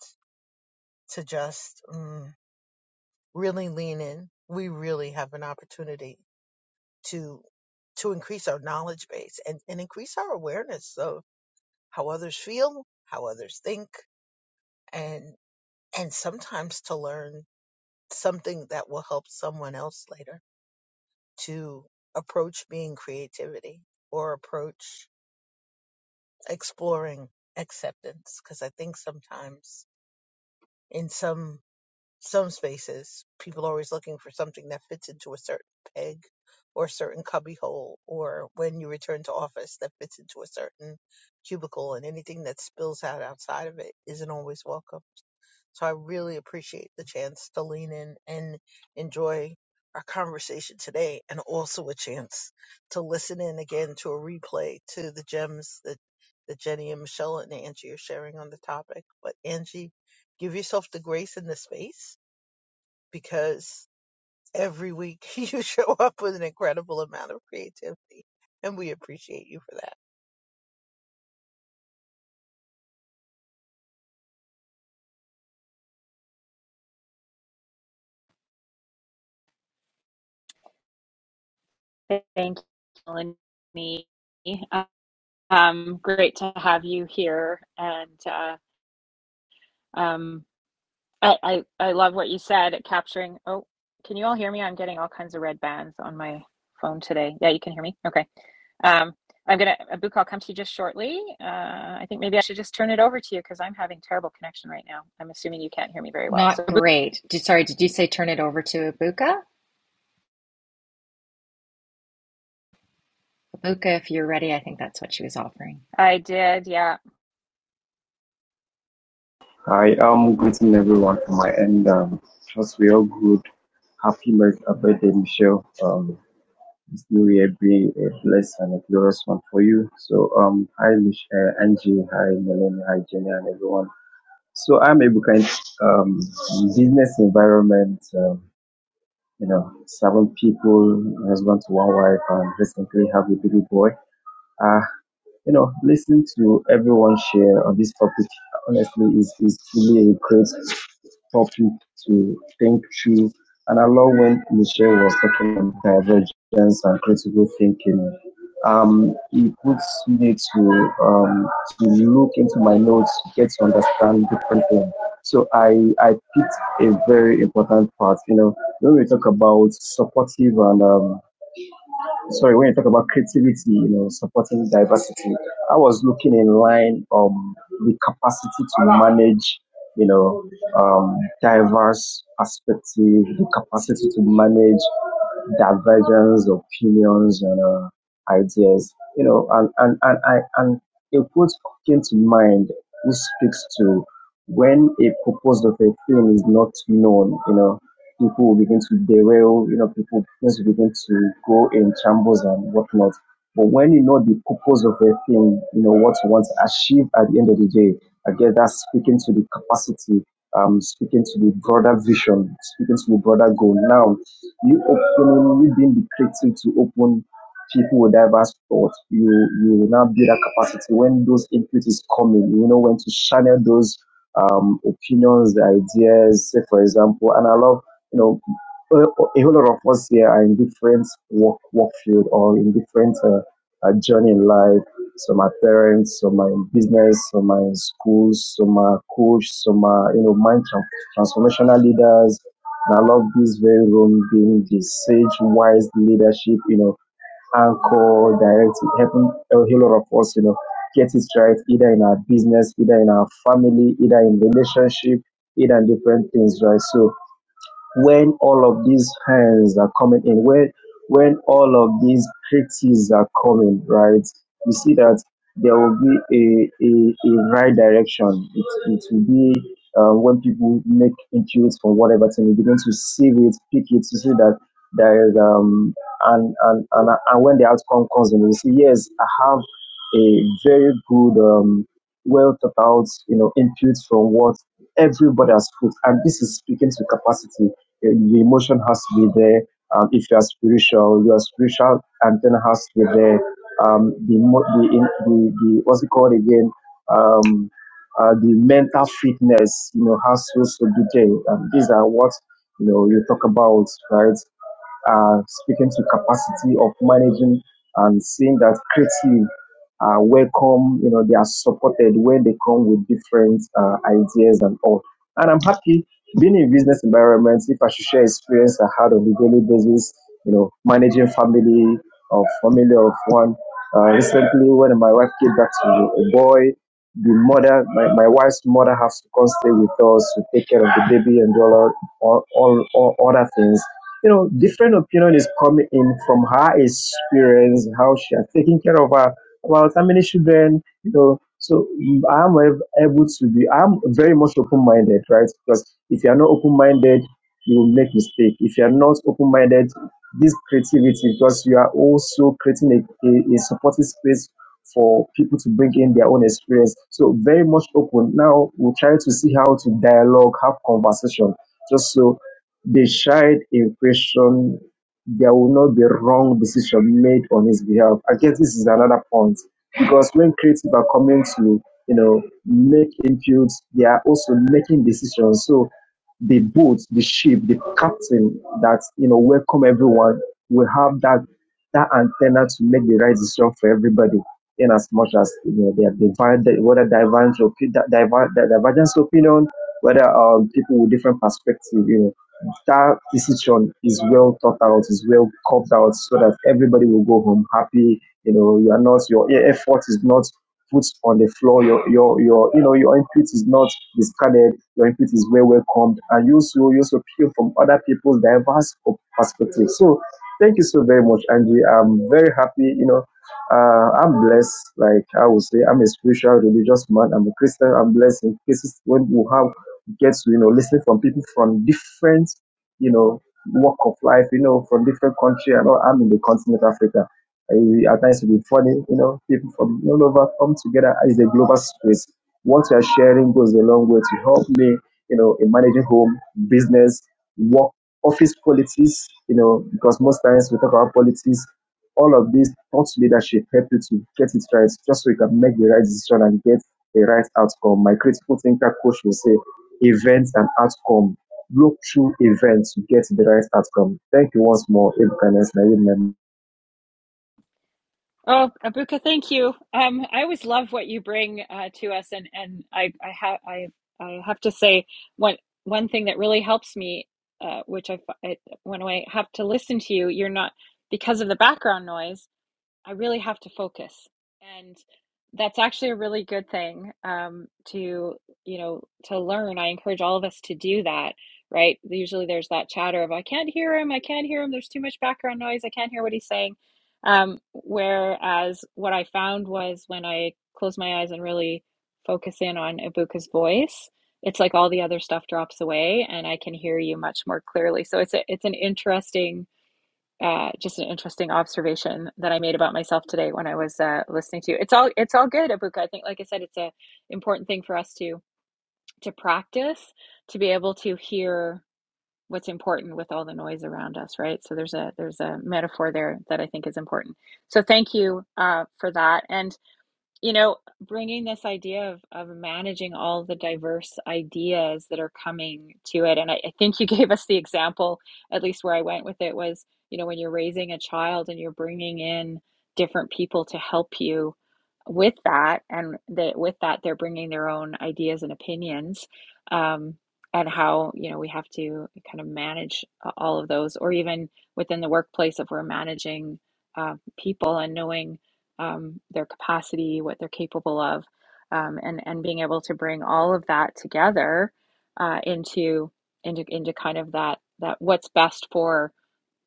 S4: to just mm, really lean in, we really have an opportunity to to increase our knowledge base and, and increase our awareness of how others feel, how others think, and and sometimes to learn something that will help someone else later to approach being creativity or approach exploring acceptance because i think sometimes in some some spaces people are always looking for something that fits into a certain peg or a certain cubbyhole or when you return to office that fits into a certain cubicle and anything that spills out outside of it isn't always welcome So I really appreciate the chance to lean in and enjoy our conversation today and also a chance to listen in again to a replay to the gems that, that Jenny and Michelle and Angie are sharing on the topic. But Angie, give yourself the grace in the space because every week you show up with an incredible amount of creativity and we appreciate you for that.
S1: Thank you, Melanie. Um, great to have you here, and uh, um, I, I I love what you said capturing. Oh, can you all hear me? I'm getting all kinds of red bands on my phone today. Yeah, you can hear me. Okay. Um, I'm gonna a I'll come to you just shortly. Uh, I think maybe I should just turn it over to you because I'm having terrible connection right now. I'm assuming you can't hear me very well. So
S2: Not
S1: Abu-
S2: great. Did, sorry, did you say turn it over to Abuka? Abuka, if you're ready, I think that's what she was offering.
S1: I did. Yeah.
S5: I am greeting everyone from my end. Um, trust we all good. Happy birth- uh, birthday, Michelle. Um, this new year be a blessed and a glorious one for you. So, um, hi, Mich- uh, Angie, hi, Melanie, hi, Jenny, and everyone. So, I'm a kind um, business environment, um, you know, seven people, husband to one wife, and recently have a baby boy. You know, listening to everyone share on this topic honestly is, is really a great topic to think through. And I love when Michelle was talking about divergence and critical thinking. Um, it puts me to um, to look into my notes, to get to understand different things. So I I picked a very important part. You know, when we talk about supportive and um, sorry, when you talk about creativity, you know, supporting diversity, I was looking in line um the capacity to manage, you know, um diverse perspective, the capacity to manage divergence opinions and uh, ideas you know and and and i and a quote came to mind which speaks to when a purpose of a thing is not known you know people will begin to derail you know people begin to begin to go in chambers and whatnot but when you know the purpose of a thing you know what you want to achieve at the end of the day Again, that's speaking to the capacity um, speaking to the broader vision, speaking to the broader goal. Now, you opening, you being the creative to open people with diverse thoughts, you you will now build that capacity when those input is coming. You know when to channel those um, opinions, the ideas. Say for example, and I love you know a a whole lot of us here are in different work work field or in different uh, uh, journey in life. Some are parents, some are in business, some are in schools, some are coach, some are you know mind tran- transformational leaders and I love this very room being the sage, wise leadership, you know, anchor, direct, helping a whole lot of us, you know, get it right, either in our business, either in our family, either in relationship, either in different things, right? So when all of these hands are coming in, when when all of these critics are coming, right, you see that there will be a, a, a right direction. It, it will be uh, when people make intuits from whatever thing, you begin to see it, pick it, to see that there is, um, and, and, and, and when the outcome comes in, you see, yes, I have a very good, um, well thought out, you know, inputs from what everybody has put, and this is speaking to capacity the emotion has to be there. Um, if you are spiritual, your spiritual antenna has to be there. Um, the, mo- the, in, the, the, what's it called again? Um, uh, the mental fitness, you know, has to also be there. Um, these are what, you know, you talk about, right? uh, speaking to capacity of managing and seeing that creative are welcome, you know, they are supported when they come with different uh, ideas and all. And I'm happy being in business environment, if I should share experience I had on a daily basis, you know, managing family or family of one. Uh, recently, when my wife came back to a boy, the mother, my, my wife's mother has to come stay with us to take care of the baby and all, all, all, all other things you know, different opinion is coming in from her experience, how she has taken care of her, about how many children, you know. So mm, I'm ab- able to be, I'm very much open-minded, right? Because if you are not open-minded, you will make mistake. If you are not open-minded, this creativity, because you are also creating a, a, a supportive space for people to bring in their own experience. So very much open. Now we'll try to see how to dialogue, have conversation, just so decide in question, there will not be wrong decision made on his behalf. I guess this is another point because when creative are coming to you know make inputs, they are also making decisions. So the boat, the ship, the captain that you know welcome everyone will have that that antenna to make the right decision for everybody. In as much as you know, they have divided whether divergence, opi- di- diver- di- divergence opinion, whether um, people with different perspective, you know that decision is well thought out, is well carved out, so that everybody will go home happy. You know, you are not your effort is not put on the floor. Your your your you know your input is not discarded. Your input is well welcomed, and you also you also hear from other people's diverse op- perspectives. So, thank you so very much, Angie. I'm very happy. You know. Uh, I'm blessed, like I would say, I'm a spiritual religious man. I'm a Christian. I'm blessed in cases when we have get to, you know, listening from people from different, you know, walk of life, you know, from different country. I know I'm in the continent of Africa. I, at times it will be funny, you know, people from all over come together as a global space. What we are sharing goes a long way to help me, you know, in managing home, business, work, office politics, you know, because most times we talk about politics, all of these thought leadership help you to get it right just so you can make the right decision and get the right outcome. My critical thinker coach will say events and outcome. Look through events to get the right outcome. Thank you once more, Abe Ganesh, my member.
S1: Oh, Abuka, thank you. Um, I always love what you bring uh, to us, and and I I have I I have to say one one thing that really helps me, uh, which I, fi- I when I have to listen to you, you're not because of the background noise. I really have to focus. And that's actually a really good thing um, to, you know, to learn. I encourage all of us to do that, right? Usually there's that chatter of, I can't hear him, I can't hear him, there's too much background noise, I can't hear what he's saying. Um, whereas what I found was when I close my eyes and really focus in on Ibuka's voice, it's like all the other stuff drops away and I can hear you much more clearly. So it's a, it's an interesting uh, just an interesting observation that I made about myself today when I was uh, listening to you. It's all it's all good, Abuka. I think, like I said, it's an important thing for us to to practice to be able to hear what's important with all the noise around us, right? So there's a there's a metaphor there that I think is important. So thank you uh, for that. And you know, bringing this idea of, of managing all the diverse ideas that are coming to it. And I, I think you gave us the example, at least where I went with it was, you know, when you're raising a child and you're bringing in different people to help you with that, and that with that, they're bringing their own ideas and opinions. Um, and how, you know, we have to kind of manage uh, all of those, or even within the workplace, if we're managing uh, people and knowing um, their capacity, what they're capable of, um, and and being able to bring all of that together uh, into into into kind of that that what's best for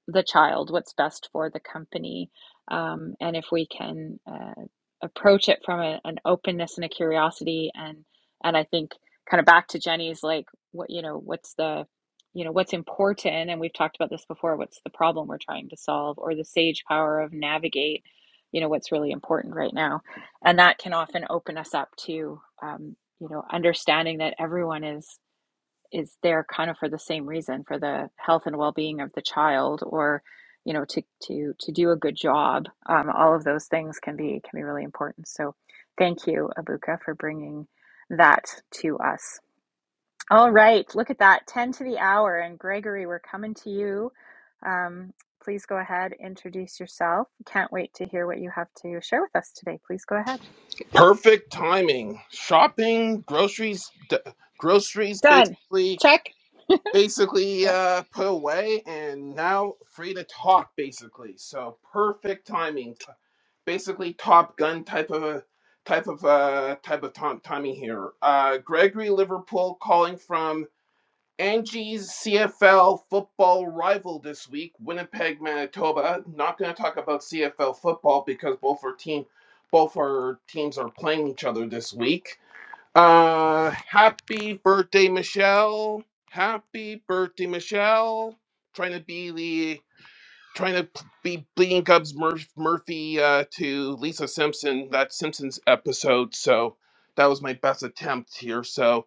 S1: the child, what's best for the company. Um, and if we can uh, approach it from a, an openness and a curiosity and and I think kind of back to Jenny's like what you know what's the you know what's important and we've talked about this before what's the problem we're trying to solve or the sage power of navigate you know what's really important right now and that can often open us up to um, you know understanding that everyone is is there kind of for the same reason for the health and well-being of the child or you know to to to do a good job um, all of those things can be can be really important so thank you abuka for bringing that to us all right look at that 10 to the hour and gregory we're coming to you um, please go ahead introduce yourself can't wait to hear what you have to share with us today please go ahead
S6: Perfect timing. Shopping, groceries, d- groceries
S1: done
S6: basically
S1: check
S6: basically uh, put away, and now free to talk basically. So perfect timing. T- Basically, Top Gun type of a type of uh, type of tom- timing here. Uh, Gregory Liverpool calling from Angie's CFL football rival this week, Winnipeg, Manitoba. Not going to talk about CFL football because both our team, both our teams are playing each other this week. Uh, happy birthday, Michelle! Happy birthday, Michelle! Trying to be the trying to be Bleeding Cubs Murph, Murphy uh, to Lisa Simpson that Simpsons episode. So that was my best attempt here. So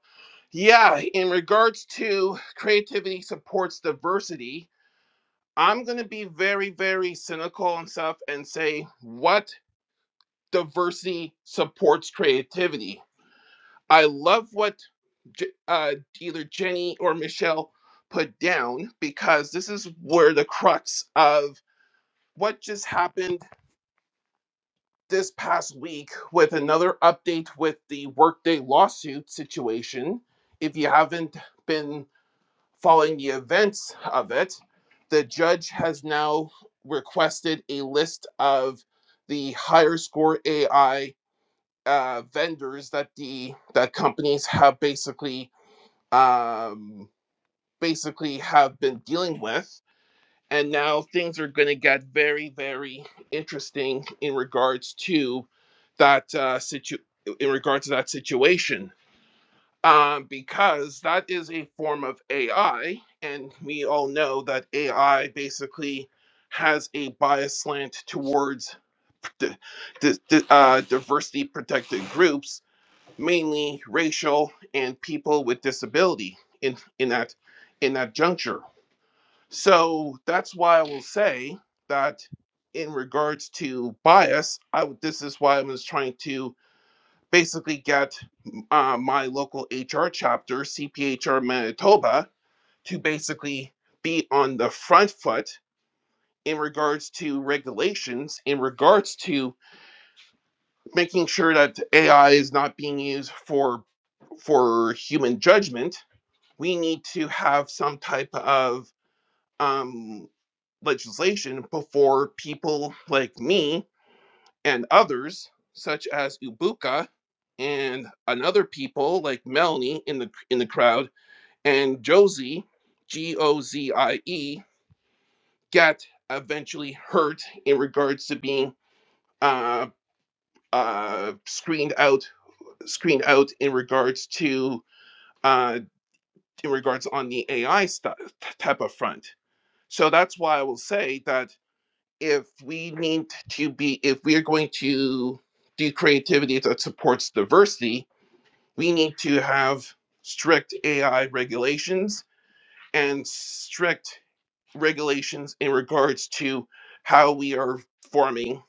S6: yeah, in regards to creativity supports diversity, I'm going to be very, very cynical and stuff and say what diversity supports creativity. I love what J- uh, either Jenny or Michelle put down because this is where the crux of what just happened this past week with another update with the Workday lawsuit situation. If you haven't been Following the events of it, the judge has now requested a list of the higher score AI uh, vendors that the that companies have basically um, basically have been dealing with, and now things are going to get very very interesting in regards to that uh, situ in regards to that situation um, because that is a form of AI, and we all know that AI basically has a bias slant towards di- di- di- uh, diversity protected groups, mainly racial and people with disability in in that in that juncture. So that's why I will say that in regards to bias, I w- this is why I was trying to basically get uh, my local HR chapter, CPHR Manitoba, to basically be on the front foot in regards to regulations, in regards to making sure that AI is not being used for for human judgment. We need to have some type of um, legislation before people like me and others, such as Ibuka, and another people like Melanie in the in the crowd and Josie, G O Z I E, got eventually hurt in regards to being uh, uh, screened out, screened out in regards to uh, in regards on the AI stuff type of front. So that's why I will say that if we need to be, if we are going to do creativity that supports diversity, we need to have strict AI regulations and strict regulations in regards to how we are forming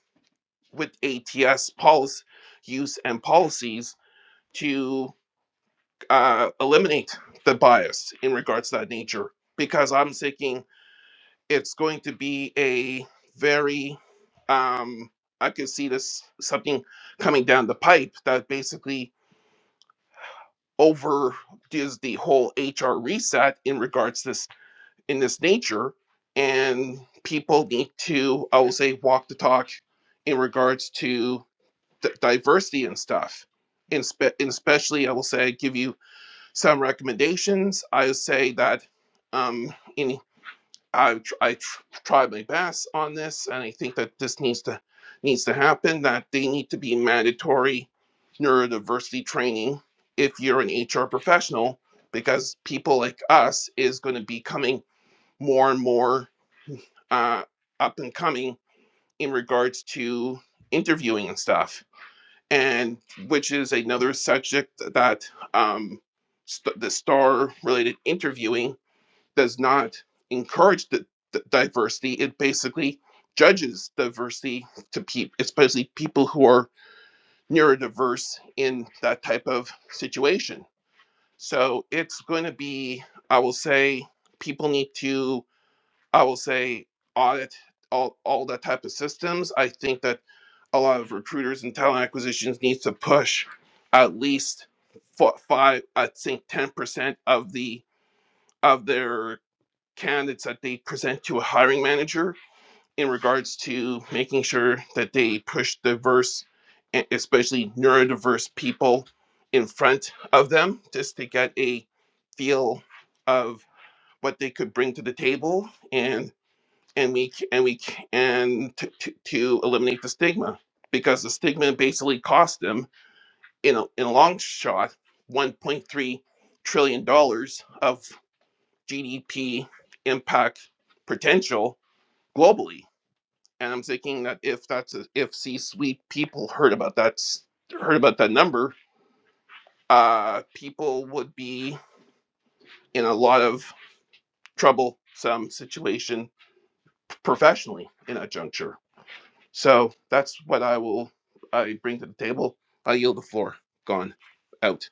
S6: with ATS policy use and policies to uh, eliminate the bias in regards to that nature. Because I'm thinking it's going to be a very, um, I could see this something coming down the pipe that basically over does the whole HR reset in regards to this in this nature, and people need to I will say walk the talk in regards to d- diversity and stuff. And, spe- and especially I will say give you some recommendations. I would say that um, in I tr- I tr- tried my best on this, and I think that this needs to needs to happen. That they need to be mandatory neurodiversity training if you're an HR professional, because people like us is going to be coming more and more uh, up and coming in regards to interviewing and stuff, and which is another subject that um, st- the star related interviewing does not encourage the, the diversity. It basically judges diversity to people, especially people who are neurodiverse in that type of situation. So it's going to be, I will say, people need to, I will say, audit all, all that type of systems. I think that a lot of recruiters and talent acquisitions needs to push at least fi- five, I think 10% of the of their candidates that they present to a hiring manager in regards to making sure that they push diverse, e- especially neurodiverse people in front of them just to get a feel of what they could bring to the table and and we and we and to, to, to eliminate the stigma because the stigma basically cost them in a, in a long shot 1.3 trillion dollars of GDP impact potential globally. And I'm thinking that if that's a, if C-suite people heard about that s- heard about that number, uh, people would be in a lot of troublesome situation professionally in that juncture. So that's what I will I bring to the table. I yield the floor. Gone, out.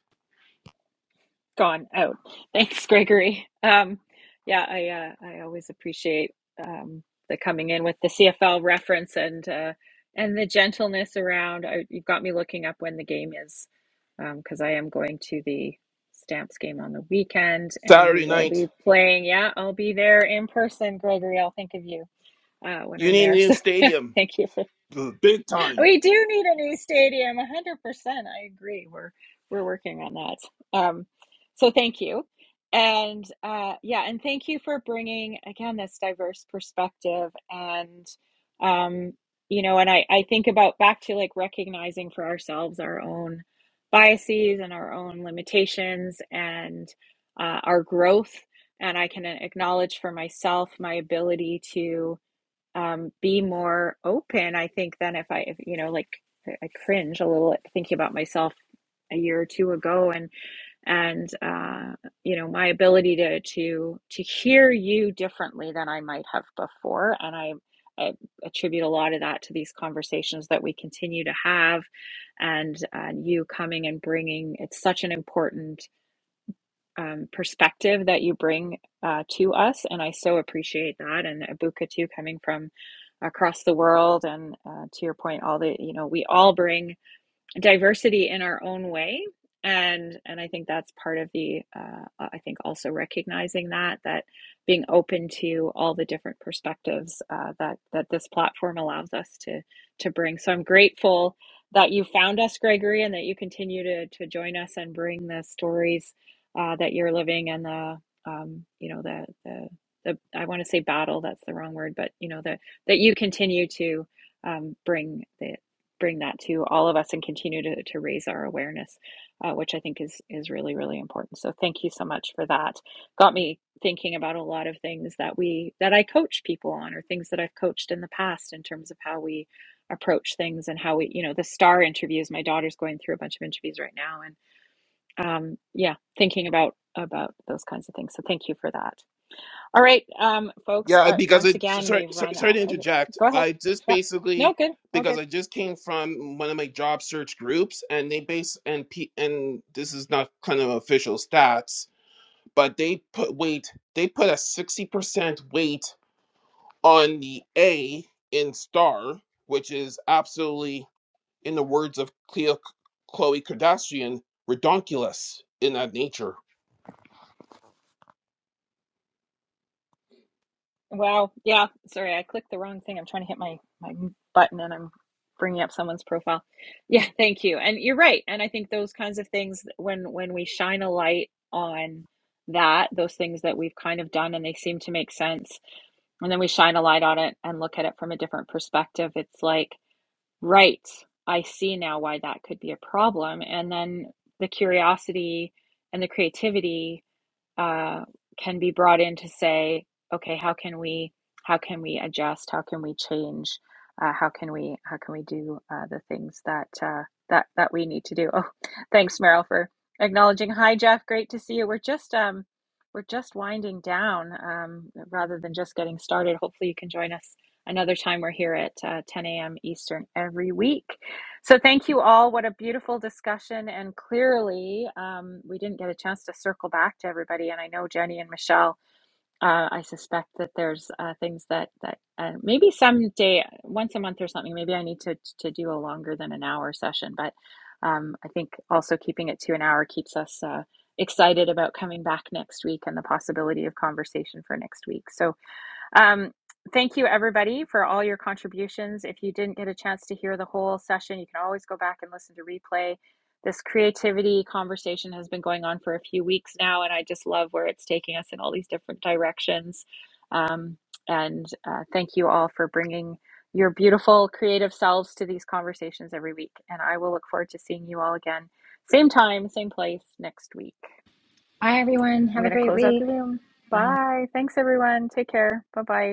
S1: gone out. Thanks, Gregory. Um, yeah, I uh, I always appreciate um, the coming in with the CFL reference and uh, and the gentleness around. I, you've got me looking up when the game is because I am going to the Stamps game on the weekend, and we
S6: Saturday
S1: will
S6: night
S1: be playing. Yeah, I'll be there in person, Gregory. I'll think of you uh, when
S6: You
S1: I'm
S6: need a
S1: there.
S6: new
S1: So
S6: stadium,
S1: thank you for
S6: b- big time.
S1: we do need a new stadium 100% i agree we're we're working on that um so thank you and uh yeah and thank you for bringing again this diverse perspective and um you know and i i think about back to like recognizing for ourselves our own biases and our own limitations and uh, our growth and i can acknowledge for myself my ability to um, be more open, I think, than if I, if, you know, like I cringe a little at thinking about myself a year or two ago and, and, uh, you know, my ability to, to, to hear you differently than I might have before. And I, I attribute a lot of that to these conversations that we continue to have and, and you coming and bringing, it's such an important um, perspective that you bring uh, to us, and I so appreciate that. And Abuka too, coming from across the world, and uh, to your point, all the you know, we all bring diversity in our own way and and i think that's part of the uh, i think also recognizing that that being open to all the different perspectives uh, that that this platform allows us to to bring so i'm grateful that you found us gregory and that you continue to to join us and bring the stories uh, that you're living and the um, you know the the the i want to say battle that's the wrong word but you know the that you continue to um, bring the, bring that to all of us and continue to, to raise our awareness, uh, which I think is is really really important. So thank you so much for that. Got me thinking about a lot of things that we that I coach people on, or things that I've coached in the past in terms of how we approach things and how we you know the star interviews. My daughter's going through a bunch of interviews right now, and um, yeah, thinking about about those kinds of things. So thank you for that. All right, um, folks.
S6: Yeah,
S1: Uh,
S6: because
S1: once
S6: it.
S1: again,
S6: Sorry,
S1: we've
S6: sorry,
S1: run.
S6: sorry to
S1: Uh,
S6: interject.
S1: go ahead.
S6: I just
S1: Yep. No,
S6: basically
S1: good. All good.
S6: because I just came from one of my job search groups, and they base and P, and this is not kind of official stats, but they put weight. They put a sixty percent weight on the A in star, which is absolutely, in the words of Cleo, Chloe Kardashian, redonkulous in that nature
S1: Wow. Yeah. Sorry, I clicked the wrong thing. I'm trying to hit my my button and I'm bringing up someone's profile. Yeah, thank you. And you're right. And I think those kinds of things when when we shine a light on that, those things that we've kind of done and they seem to make sense, and then we shine a light on it and look at it from a different perspective, it's like, right, I see now why that could be a problem. And then the curiosity and the creativity uh, can be brought in to say, okay, how can we how can we adjust? How can we change? Uh, how can we how can we do uh, the things that uh, that that we need to do? Oh, thanks, Meryl, for acknowledging. Hi, Jeff. Great to see you. We're just um, we're just winding down um, rather than just getting started. Hopefully, you can join us another time. We're here at uh, 10 a.m. Eastern every week. So, thank you all. What a beautiful discussion. And clearly, um, we didn't get a chance to circle back to everybody. And I know Jenny and Michelle, uh, I suspect that there's uh, things that, that uh, maybe someday, once a month or something, maybe I need to, to do a longer than an hour session. But um, I think also keeping it to an hour keeps us uh, excited about coming back next week and the possibility of conversation for next week. So, um, thank you, everybody, for all your contributions. If you didn't get a chance to hear the whole session, you can always go back and listen to replay. This creativity conversation has been going on for a few weeks now, and I just love where it's taking us in all these different directions. Um, and uh, thank you all for bringing your beautiful creative selves to these conversations every week. And I will look forward to seeing you all again, same time, same place next week.
S2: Bye, everyone.
S1: I'm
S2: Have a
S1: going to
S2: great
S1: close out the
S2: week.
S1: room.
S2: Bye.
S1: Bye. Thanks, everyone. Take care. Bye bye.